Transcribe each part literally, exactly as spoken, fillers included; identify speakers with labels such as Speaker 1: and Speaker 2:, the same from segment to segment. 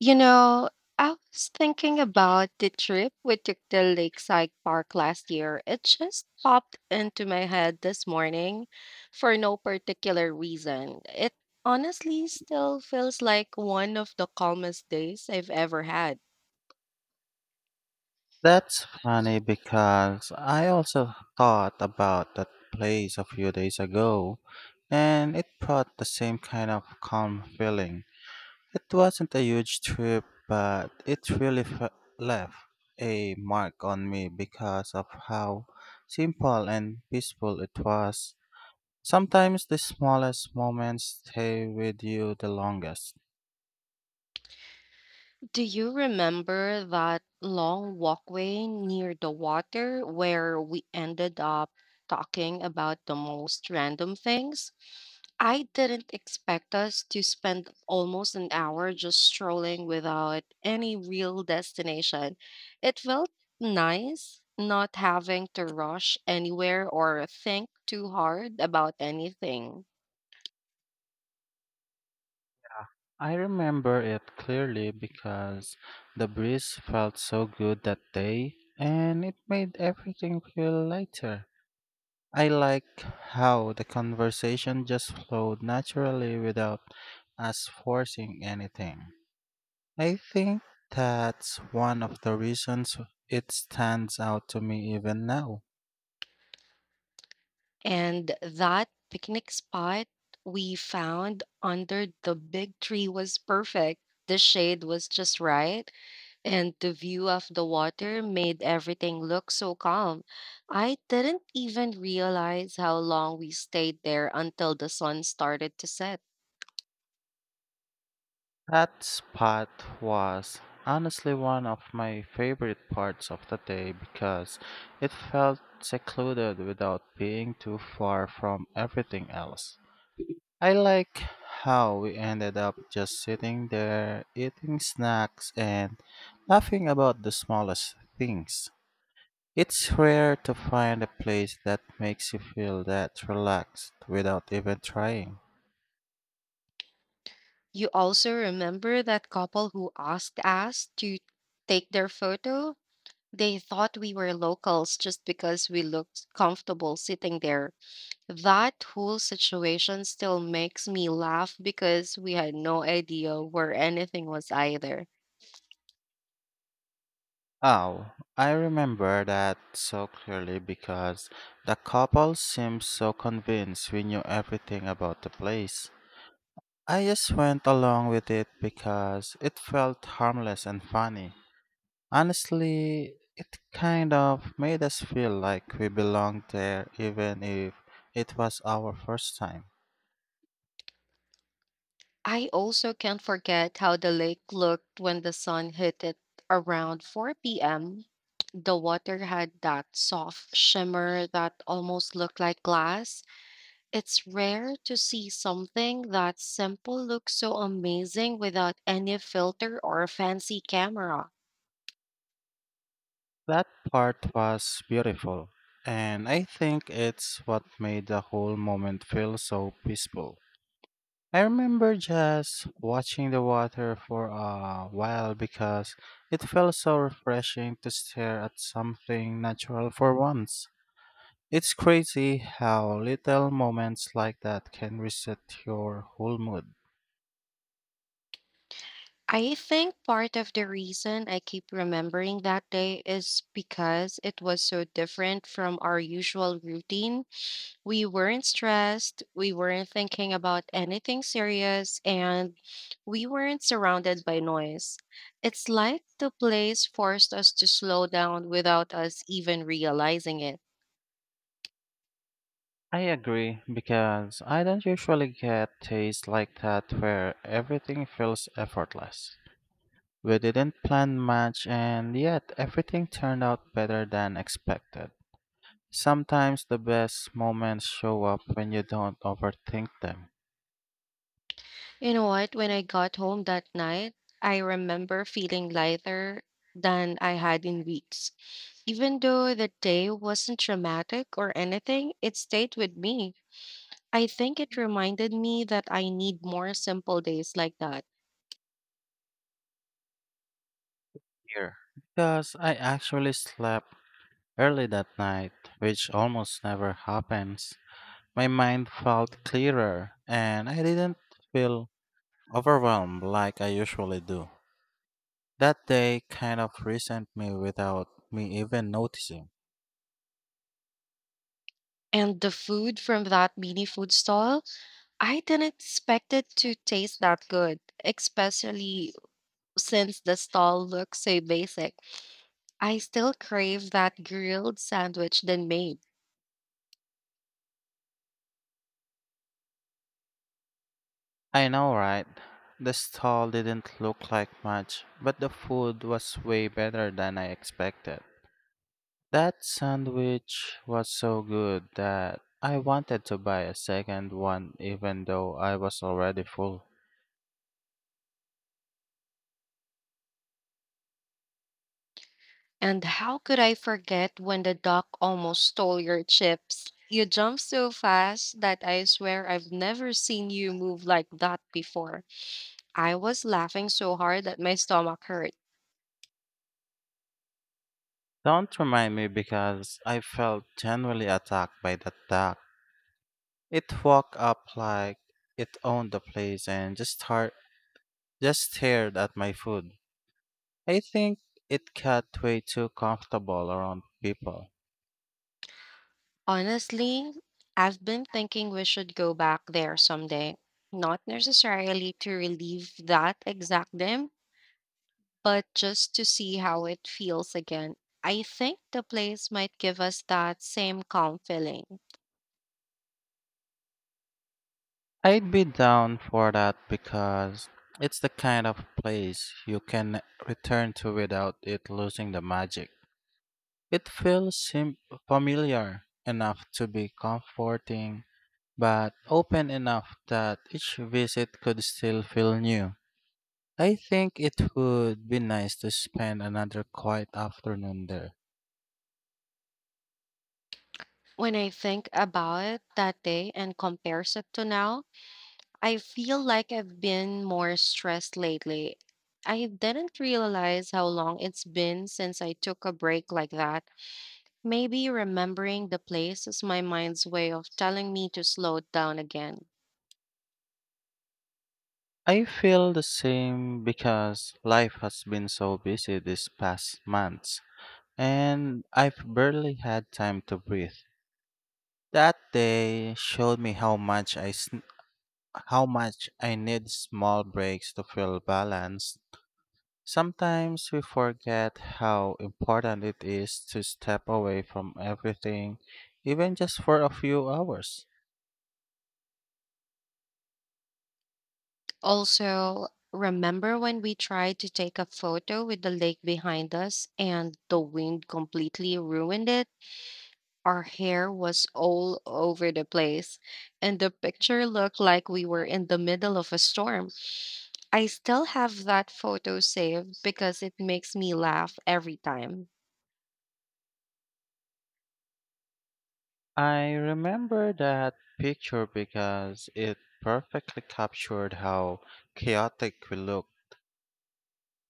Speaker 1: You know, I was thinking about the trip we took to Lakeside Park last year. It just popped into my head this morning for no particular reason. It honestly still feels like one of the calmest days I've ever had.
Speaker 2: That's funny because I also thought about that place a few days ago and it brought the same kind of calm feeling. It wasn't a huge trip, but it really f- left a mark on me because of how simple and peaceful it was. Sometimes the smallest moments stay with you the longest.
Speaker 1: Do you remember that long walkway near the water where we ended up talking about the most random things? I didn't expect us to spend almost an hour just strolling without any real destination. It felt nice not having to rush anywhere or think too hard about anything.
Speaker 2: I remember it clearly because the breeze felt so good that day and it made everything feel lighter. I like how the conversation just flowed naturally without us forcing anything. I think that's one of the reasons it stands out to me even now.
Speaker 1: And that picnic spot we found under the big tree was perfect. The shade was just right, and the view of the water made everything look so calm. I didn't even realize how long we stayed there until the sun started to set.
Speaker 2: That spot was honestly one of my favorite parts of the day because it felt secluded without being too far from everything else. I like how we ended up just sitting there, eating snacks, and laughing about the smallest things. It's rare to find a place that makes you feel that relaxed without even trying.
Speaker 1: You also remember that couple who asked us to take their photo? They thought we were locals just because we looked comfortable sitting there. That whole situation still makes me laugh because we had no idea where anything was either.
Speaker 2: Oh, I remember that so clearly because the couple seemed so convinced we knew everything about the place. I just went along with it because it felt harmless and funny. Honestly, it kind of made us feel like we belonged there even if it was our first time.
Speaker 1: I also can't forget how the lake looked when the sun hit it around four p m. The water had that soft shimmer that almost looked like glass. It's rare to see something that simple look so amazing without any filter or fancy camera.
Speaker 2: That part was beautiful, and I think it's what made the whole moment feel so peaceful. I remember just watching the water for a while because it felt so refreshing to stare at something natural for once. It's crazy how little moments like that can reset your whole mood.
Speaker 1: I think part of the reason I keep remembering that day is because it was so different from our usual routine. We weren't stressed, we weren't thinking about anything serious, and we weren't surrounded by noise. It's like the place forced us to slow down without us even realizing it.
Speaker 2: I agree because I don't usually get tastes like that where everything feels effortless. We didn't plan much and yet everything turned out better than expected. Sometimes the best moments show up when you don't overthink them.
Speaker 1: You know what? When I got home that night, I remember feeling lighter than I had in weeks. Even though the day wasn't dramatic or anything, it stayed with me. I think it reminded me that I need more simple days like that.
Speaker 2: Here. Because I actually slept early that night, which almost never happens. My mind felt clearer and I didn't feel overwhelmed like I usually do. That day kind of resent me without me even noticing.
Speaker 1: And the food from that mini food stall, I didn't expect it to taste that good, especially since the stall looks so basic. I still crave that grilled sandwich they made.
Speaker 2: I know, right? The stall didn't look like much, but the food was way better than I expected. That sandwich was so good that I wanted to buy a second one even though I was already full.
Speaker 1: And how could I forget when the duck almost stole your chips? You jumped so fast that I swear I've never seen you move like that before. I was laughing so hard that my stomach hurt.
Speaker 2: Don't remind me because I felt genuinely attacked by that duck. It walked up like it owned the place and just star- just stared at my food. I think it got way too comfortable around people.
Speaker 1: Honestly, I've been thinking we should go back there someday. Not necessarily to relive that exact dim, but just to see how it feels again. I think the place might give us that same calm feeling.
Speaker 2: I'd be down for that because it's the kind of place you can return to without it losing the magic. It feels sim- familiar enough to be comforting, but open enough that each visit could still feel new. I think it would be nice to spend another quiet afternoon there.
Speaker 1: When I think about that day and compares it to now, I feel like I've been more stressed lately. I didn't realize how long it's been since I took a break like that. Maybe remembering the place is my mind's way of telling me to slow down again.
Speaker 2: I feel the same because life has been so busy these past months and I've barely had time to breathe. That day showed me how much I sn- how much I need small breaks to feel balanced. Sometimes we forget how important it is to step away from everything, even just for a few hours.
Speaker 1: Also, remember when we tried to take a photo with the lake behind us and the wind completely ruined it? Our hair was all over the place, and the picture looked like we were in the middle of a storm. I still have that photo saved because it makes me laugh every time.
Speaker 2: I remember that picture because it perfectly captured how chaotic we look.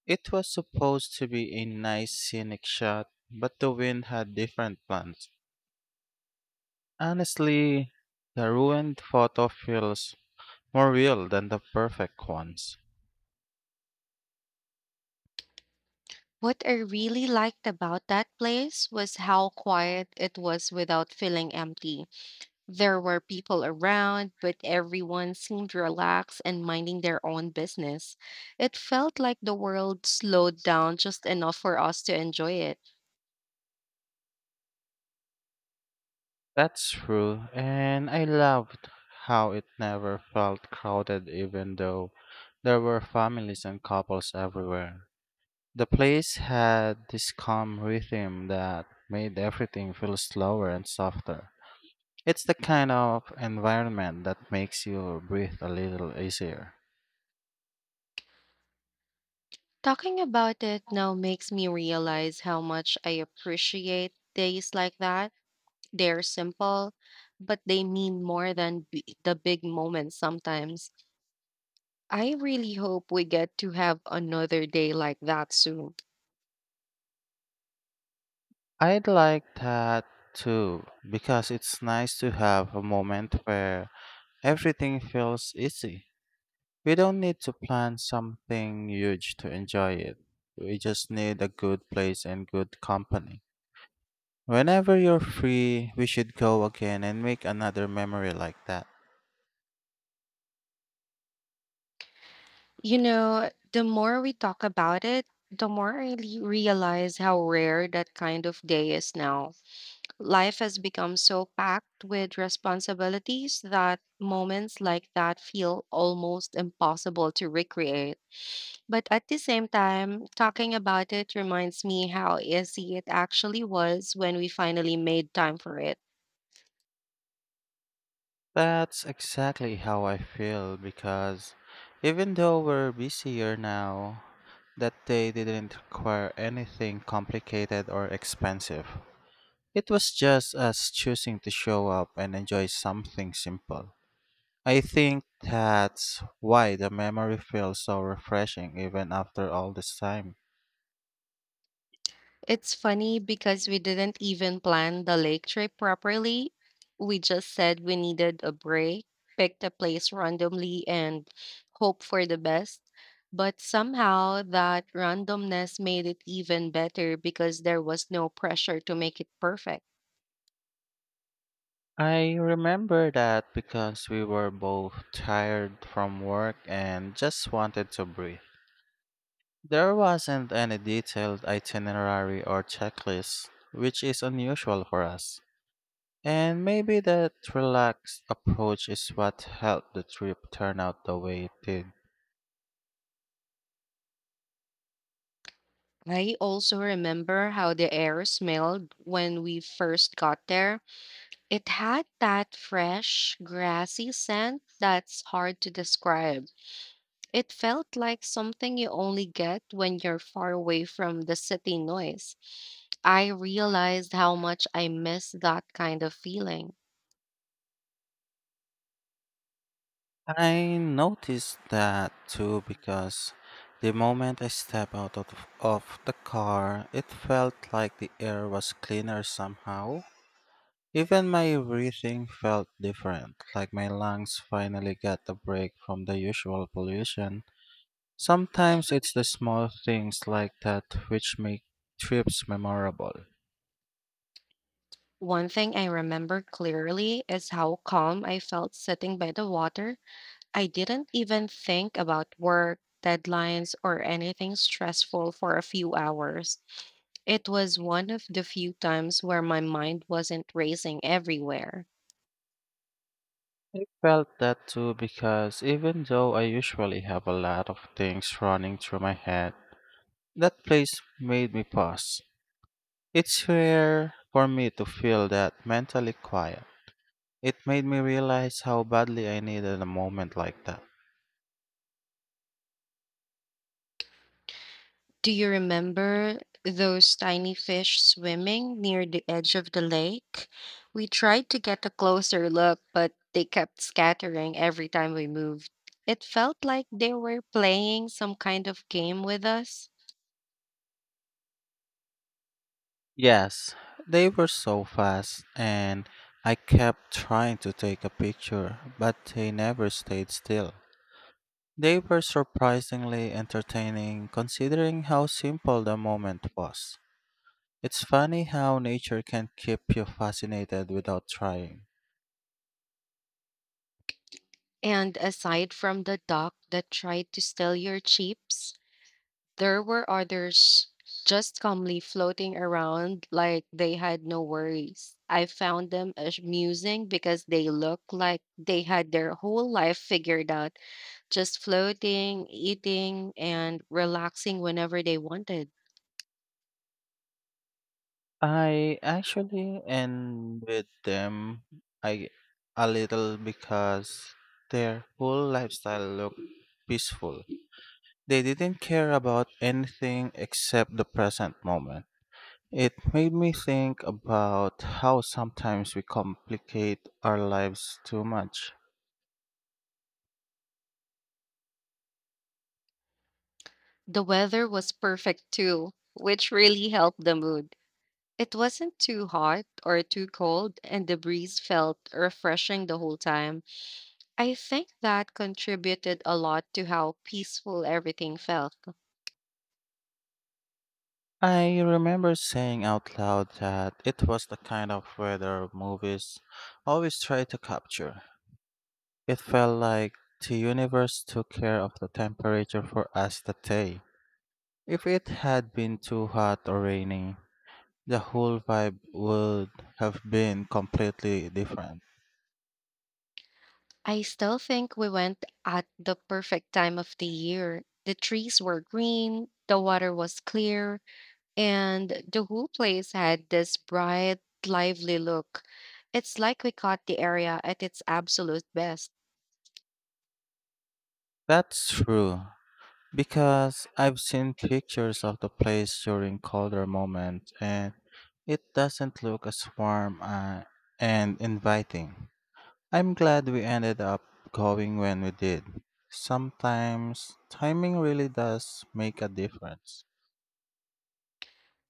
Speaker 2: It was supposed to be a nice scenic shot, but the wind had different plans. Honestly, the ruined photo feels more real than the perfect ones.
Speaker 1: What I really liked about that place was how quiet it was without feeling empty. There were people around, but everyone seemed relaxed and minding their own business. It felt like the world slowed down just enough for us to enjoy it.
Speaker 2: That's true, and I loved how it never felt crowded even though there were families and couples everywhere. The place had this calm rhythm that made everything feel slower and softer. It's the kind of environment that makes you breathe a little easier.
Speaker 1: Talking about it now makes me realize how much I appreciate days like that. They're simple, but they mean more than b- the big moments sometimes. I really hope we get to have another day like that soon.
Speaker 2: I'd like that too, because it's nice to have a moment where everything feels easy. We don't need to plan something huge to enjoy it. We just need a good place and good company. Whenever you're free, we should go again and make another memory like that.
Speaker 1: You know, the more we talk about it, the more I le- realize how rare that kind of day is now. Life has become so packed with responsibilities that moments like that feel almost impossible to recreate. But at the same time, talking about it reminds me how easy it actually was when we finally made time for it.
Speaker 2: That's exactly how I feel because even though we're busier now, that day didn't require anything complicated or expensive. It was just us choosing to show up and enjoy something simple. I think that's why the memory feels so refreshing even after all this time.
Speaker 1: It's funny because we didn't even plan the lake trip properly. We just said we needed a break, picked a place randomly, and hope for the best. But somehow that randomness made it even better because there was no pressure to make it perfect.
Speaker 2: I remember that because we were both tired from work and just wanted to breathe. There wasn't any detailed itinerary or checklist, which is unusual for us. And maybe that relaxed approach is what helped the trip turn out the way it did.
Speaker 1: I also remember how the air smelled when we first got there. It had that fresh, grassy scent that's hard to describe. It felt like something you only get when you're far away from the city noise. I realized how much I miss that kind of feeling.
Speaker 2: I noticed that too because the moment I stepped out of, of the car, it felt like the air was cleaner somehow. Even my breathing felt different, like my lungs finally got a break from the usual pollution. Sometimes it's the small things like that which make trips memorable.
Speaker 1: One thing I remember clearly is how calm I felt sitting by the water. I didn't even think about work, deadlines, or anything stressful for a few hours. It was one of the few times where my mind wasn't racing everywhere.
Speaker 2: I felt that too because even though I usually have a lot of things running through my head, that place made me pause. It's rare for me to feel that mentally quiet. It made me realize how badly I needed a moment like that.
Speaker 1: Do you remember those tiny fish swimming near the edge of the lake? We tried to get a closer look, but they kept scattering every time we moved. It felt like they were playing some kind of game with us.
Speaker 2: Yes, they were so fast, and I kept trying to take a picture, but they never stayed still. They were surprisingly entertaining considering how simple the moment was. It's funny how nature can keep you fascinated without trying.
Speaker 1: And aside from the duck that tried to steal your chips, there were others just calmly floating around like they had no worries. I found them amusing because they looked like they had their whole life figured out, just floating, eating, and relaxing whenever they wanted.
Speaker 2: I actually envied them I, a little because their whole lifestyle looked peaceful. They didn't care about anything except the present moment. It made me think about how sometimes we complicate our lives too much.
Speaker 1: The weather was perfect too, which really helped the mood. It wasn't too hot or too cold, and the breeze felt refreshing the whole time. I think that contributed a lot to how peaceful everything felt.
Speaker 2: I remember saying out loud that it was the kind of weather movies always try to capture. It felt like the universe took care of the temperature for us that day. If it had been too hot or rainy, the whole vibe would have been completely different.
Speaker 1: I still think we went at the perfect time of the year. The trees were green, the water was clear, and the whole place had this bright, lively look. It's like we caught the area at its absolute best.
Speaker 2: That's true, because I've seen pictures of the place during colder moments and it doesn't look as warm uh, and inviting. I'm glad we ended up going when we did. Sometimes timing really does make a difference.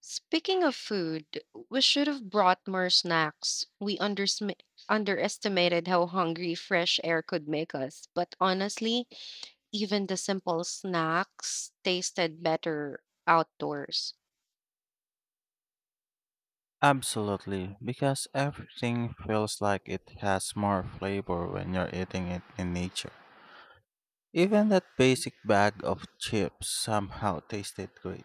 Speaker 1: Speaking of food, we should have brought more snacks. We undersmi- underestimated how hungry fresh air could make us, but honestly, even the simple snacks tasted better outdoors.
Speaker 2: Absolutely, because everything feels like it has more flavor when you're eating it in nature. Even that basic bag of chips somehow tasted great.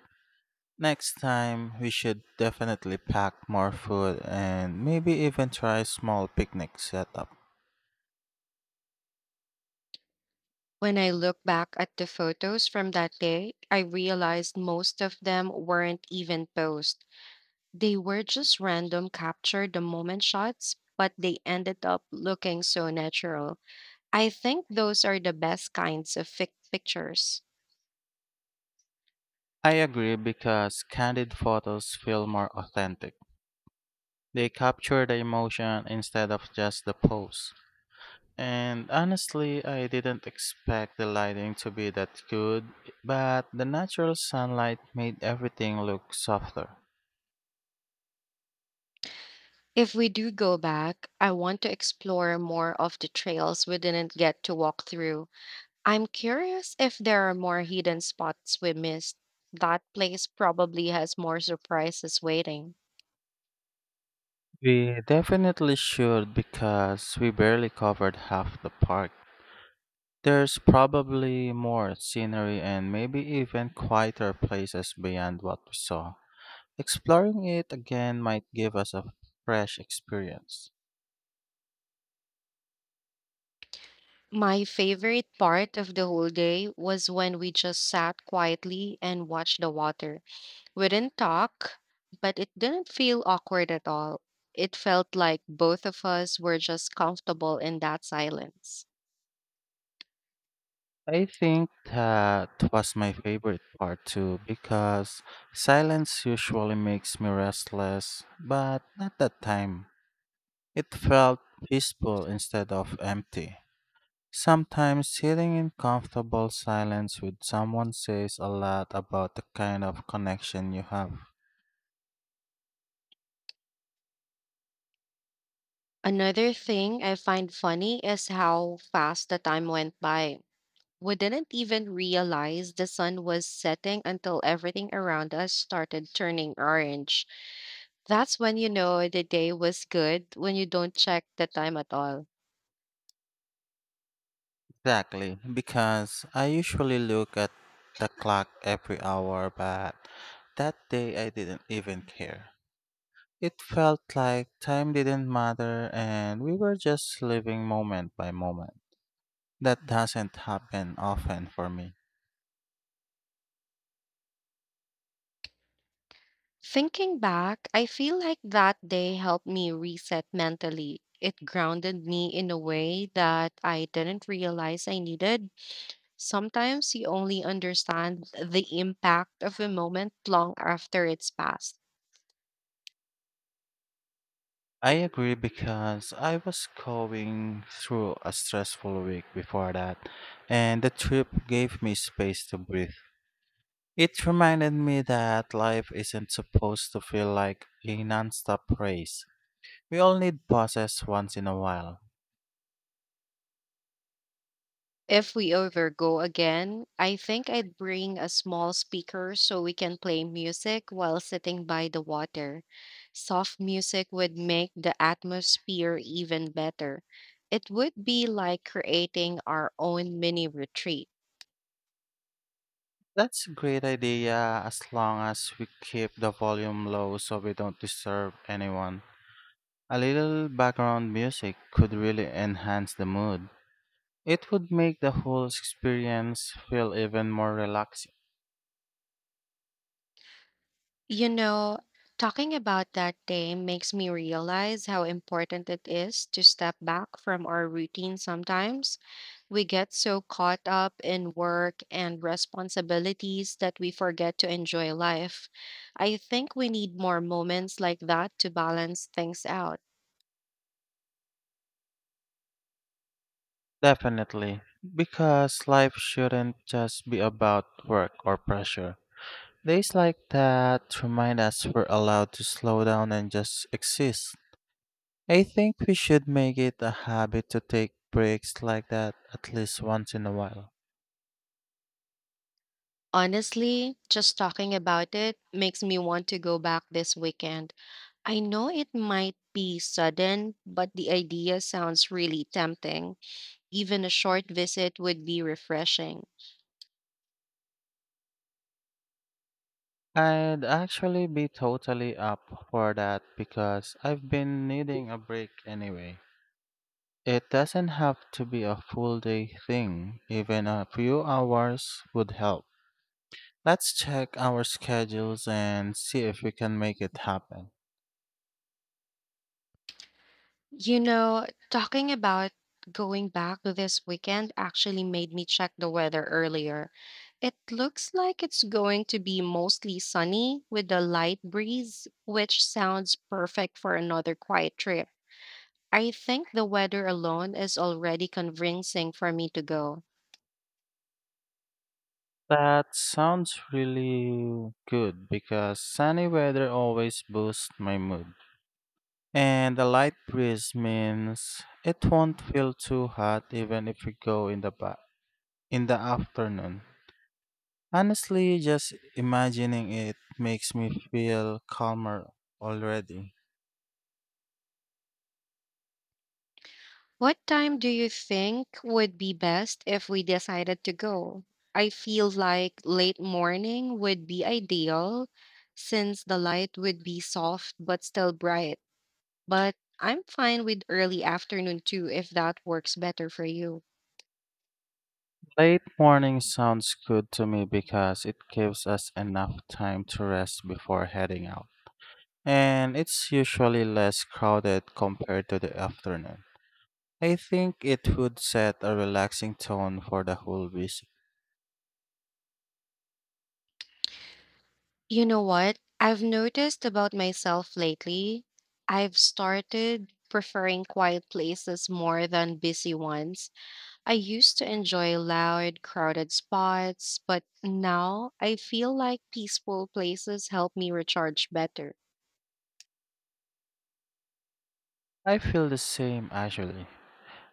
Speaker 2: Next time, we should definitely pack more food and maybe even try small picnic setup.
Speaker 1: When I look back at the photos from that day, I realized most of them weren't even posed. They were just random capture the moment shots, but they ended up looking so natural. I think those are the best kinds of fic- pictures.
Speaker 2: I agree because candid photos feel more authentic. They capture the emotion instead of just the pose. And honestly, I didn't expect the lighting to be that good, but the natural sunlight made everything look softer.
Speaker 1: If we do go back, I want to explore more of the trails we didn't get to walk through. I'm curious if there are more hidden spots we missed. That place probably has more surprises waiting.
Speaker 2: We definitely should because we barely covered half the park. There's probably more scenery and maybe even quieter places beyond what we saw. Exploring it again might give us a fresh experience.
Speaker 1: My favorite part of the whole day was when we just sat quietly and watched the water. We didn't talk, but it didn't feel awkward at all. It felt like both of us were just comfortable in that silence.
Speaker 2: I think that was my favorite part too because silence usually makes me restless, but not that time. It felt peaceful instead of empty. Sometimes sitting in comfortable silence with someone says a lot about the kind of connection you have.
Speaker 1: Another thing I find funny is how fast the time went by. We didn't even realize the sun was setting until everything around us started turning orange. That's when you know the day was good, when you don't check the time at all.
Speaker 2: Exactly, because I usually look at the clock every hour, but that day I didn't even care. It felt like time didn't matter and we were just living moment by moment. That doesn't happen often for me.
Speaker 1: Thinking back, I feel like that day helped me reset mentally. It grounded me in a way that I didn't realize I needed. Sometimes you only understand the impact of a moment long after it's passed.
Speaker 2: I agree because I was going through a stressful week before that, and the trip gave me space to breathe. It reminded me that life isn't supposed to feel like a nonstop race. We all need pauses once in a while.
Speaker 1: If we ever go again, I think I'd bring a small speaker so we can play music while sitting by the water. Soft music would make the atmosphere even better. It would be like creating our own mini retreat.
Speaker 2: That's a great idea as long as we keep the volume low so we don't disturb anyone. A little background music could really enhance the mood. It would make the whole experience feel even more relaxing.
Speaker 1: You know, talking about that day makes me realize how important it is to step back from our routine sometimes. We get so caught up in work and responsibilities that we forget to enjoy life. I think we need more moments like that to balance things out.
Speaker 2: Definitely, because life shouldn't just be about work or pressure. Days like that remind us we're allowed to slow down and just exist. I think we should make it a habit to take breaks like that at least once in a while.
Speaker 1: Honestly, just talking about it makes me want to go back this weekend. I know it might be sudden, but the idea sounds really tempting. Even a short visit would be refreshing.
Speaker 2: I'd actually be totally up for that because I've been needing a break anyway. It doesn't have to be a full day thing, even a few hours would help. Let's check our schedules and see if we can make it happen.
Speaker 1: You know, talking about going back this weekend actually made me check the weather earlier. It looks like it's going to be mostly sunny with a light breeze, which sounds perfect for another quiet trip. I think the weather alone is already convincing for me to go.
Speaker 2: That sounds really good because sunny weather always boosts my mood. And the light breeze means it won't feel too hot even if we go in the ba- in the afternoon. Honestly, just imagining it makes me feel calmer already.
Speaker 1: What time do you think would be best if we decided to go? I feel like late morning would be ideal since the light would be soft but still bright. But I'm fine with early afternoon too if that works better for you.
Speaker 2: Late morning sounds good to me because it gives us enough time to rest before heading out. And it's usually less crowded compared to the afternoon. I think it would set a relaxing tone for the whole visit.
Speaker 1: You know what? I've noticed about myself lately. I've started preferring quiet places more than busy ones. I used to enjoy loud, crowded spots, but now I feel like peaceful places help me recharge better.
Speaker 2: I feel the same actually.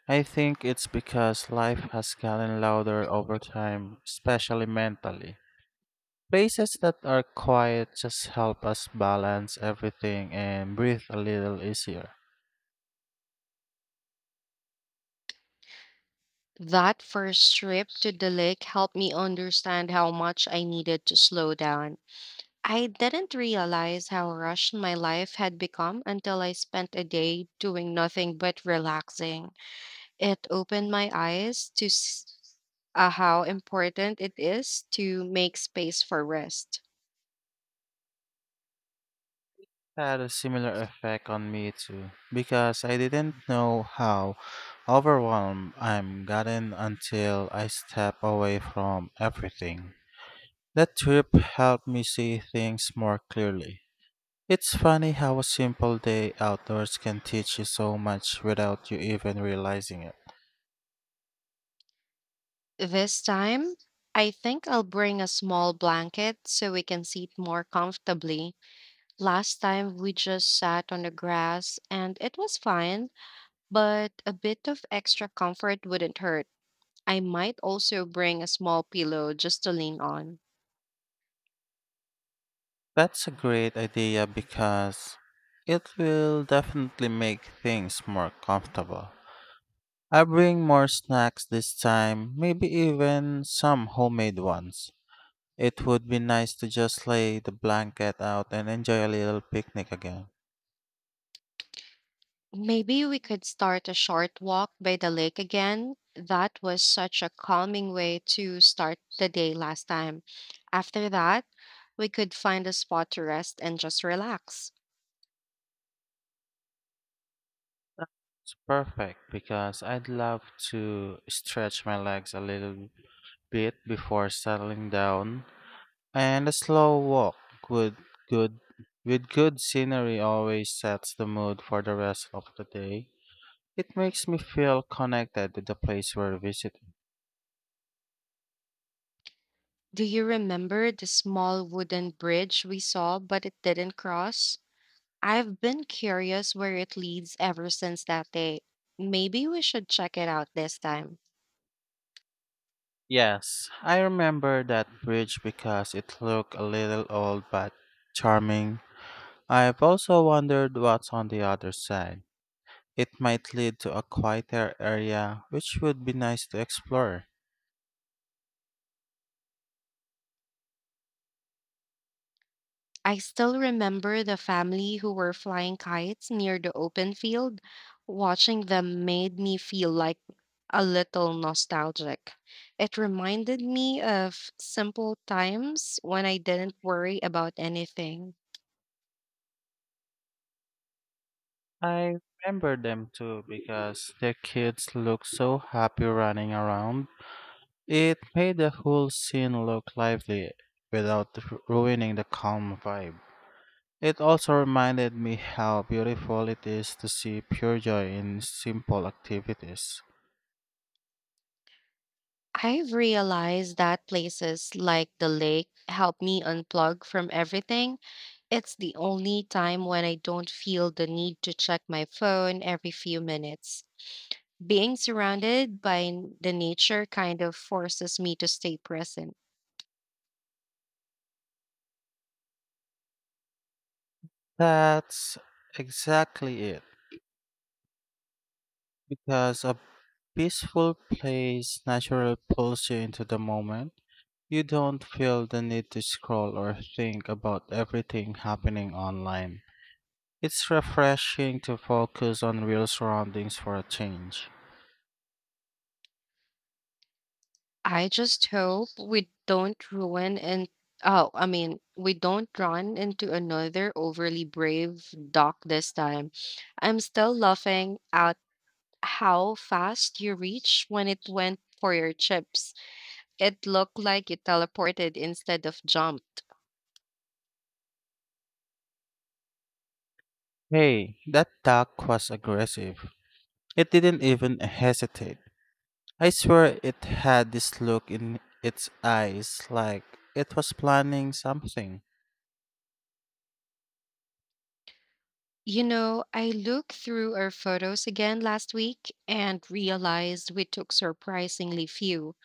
Speaker 2: I think it's because life has gotten louder over time, especially mentally. Places that are quiet just help us balance everything and breathe a little easier.
Speaker 1: That first trip to the lake helped me understand how much I needed to slow down. I didn't realize how rushed my life had become until I spent a day doing nothing but relaxing. It opened my eyes to s- uh, how important it is to make space for rest.
Speaker 2: Had a similar effect on me too, because I didn't know how overwhelmed I'm gotten until I step away from everything. That trip helped me see things more clearly. It's funny how a simple day outdoors can teach you so much without you even realizing it.
Speaker 1: This time, I think I'll bring a small blanket so we can sit more comfortably. Last time we just sat on the grass and it was fine, but a bit of extra comfort wouldn't hurt. I might also bring a small pillow just to lean on.
Speaker 2: That's a great idea because it will definitely make things more comfortable. I bring more snacks this time, maybe even some homemade ones. It would be nice to just lay the blanket out and enjoy a little picnic again.
Speaker 1: Maybe we could start a short walk by the lake again. That was such a calming way to start the day last time. After that, we could find a spot to rest and just relax.
Speaker 2: It's perfect because I'd love to stretch my legs a little bit before settling down. And a slow walk with good with good scenery always sets the mood for the rest of the day. It makes me feel connected to the place we're visiting.
Speaker 1: Do you remember the small wooden bridge we saw but it didn't cross? I've been curious where it leads ever since that day. Maybe we should check it out this time.
Speaker 2: Yes, I remember that bridge because it looked a little old but charming. I've also wondered what's on the other side. It might lead to a quieter area, which would be nice to explore.
Speaker 1: I still remember the family who were flying kites near the open field. Watching them made me feel like a little nostalgic. It reminded me of simple times when I didn't worry about anything.
Speaker 2: I remember them too because their kids look so happy running around. It made the whole scene look lively without ru- ruining the calm vibe. It also reminded me how beautiful it is to see pure joy in simple activities.
Speaker 1: I've realized that places like the lake help me unplug from everything. It's the only time when I don't feel the need to check my phone every few minutes. Being surrounded by n- the nature kind of forces me to stay present.
Speaker 2: That's exactly it, because a peaceful place naturally pulls you into the moment. You don't feel the need to scroll or think about everything happening online. It's refreshing to focus on real surroundings for a change.
Speaker 1: I just hope we don't ruin and oh, I mean, we don't run into another overly brave doc this time. I'm still laughing at how fast you reach when it went for your chips. It looked like you teleported instead of jumped.
Speaker 2: Hey, that duck was aggressive. It didn't even hesitate. I swear it had this look in its eyes like it was planning something.
Speaker 1: You know, I looked through our photos again last week and realized we took surprisingly few,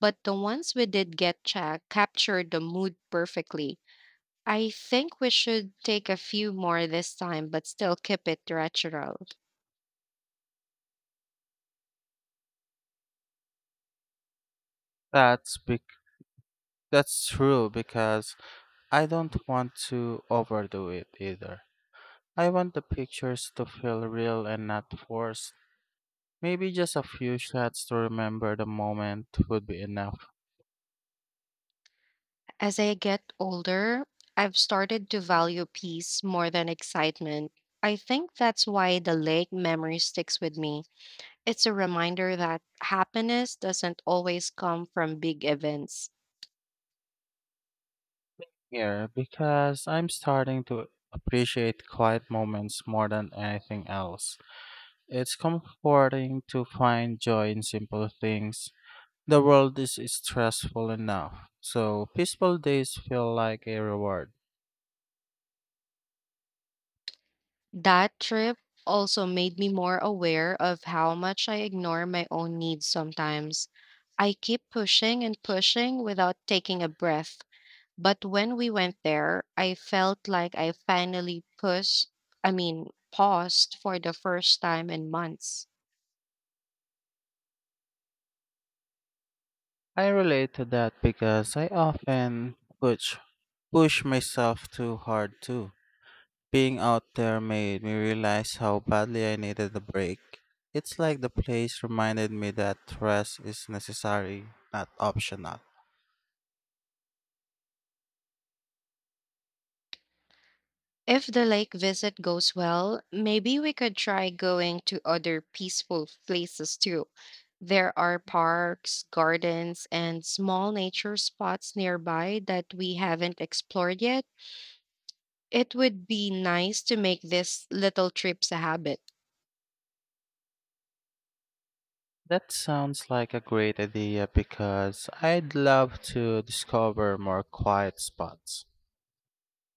Speaker 1: but the ones we did get cha- captured the mood perfectly. I think we should take a few more this time, but still keep it retro.
Speaker 2: That's bec- that's true because I don't want to overdo it either. I want the pictures to feel real and not forced. Maybe just a few shots to remember the moment would be enough
Speaker 1: As I get older, I've started to value peace more than excitement. I think that's why the lake memory sticks with me. It's a reminder that happiness doesn't always come from big events.
Speaker 2: here because I'm starting to appreciate quiet moments more than anything else. It's comforting to find joy in simple things. The world is stressful enough, so peaceful days feel like a reward.
Speaker 1: That trip also made me more aware of how much I ignore my own needs sometimes. I keep pushing and pushing without taking a breath. But when we went there, I felt like I finally pushed, I mean, paused for the first time in months.
Speaker 2: I relate to that because I often push push myself too hard too. Being out there made me realize how badly I needed a break. It's like the place reminded me that rest is necessary, not optional.
Speaker 1: If the lake visit goes well, maybe we could try going to other peaceful places too. There are parks, gardens, and small nature spots nearby that we haven't explored yet. It would be nice to make this little trips a habit.
Speaker 2: That sounds like a great idea because I'd love to discover more quiet spots.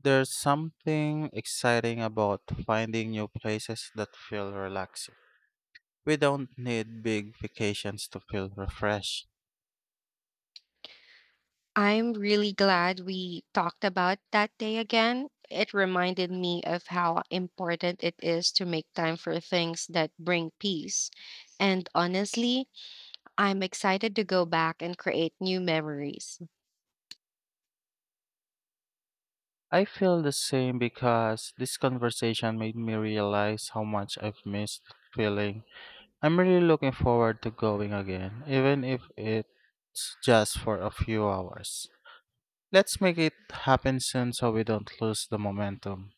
Speaker 2: There's something exciting about finding new places that feel relaxing. We don't need big vacations to feel refreshed.
Speaker 1: I'm really glad we talked about that day again. It reminded me of how important it is to make time for things that bring peace. And honestly, I'm excited to go back and create new memories.
Speaker 2: I feel the same because this conversation made me realize how much I've missed feeling. I'm really looking forward to going again, even if it's just for a few hours. Let's make it happen soon so we don't lose the momentum.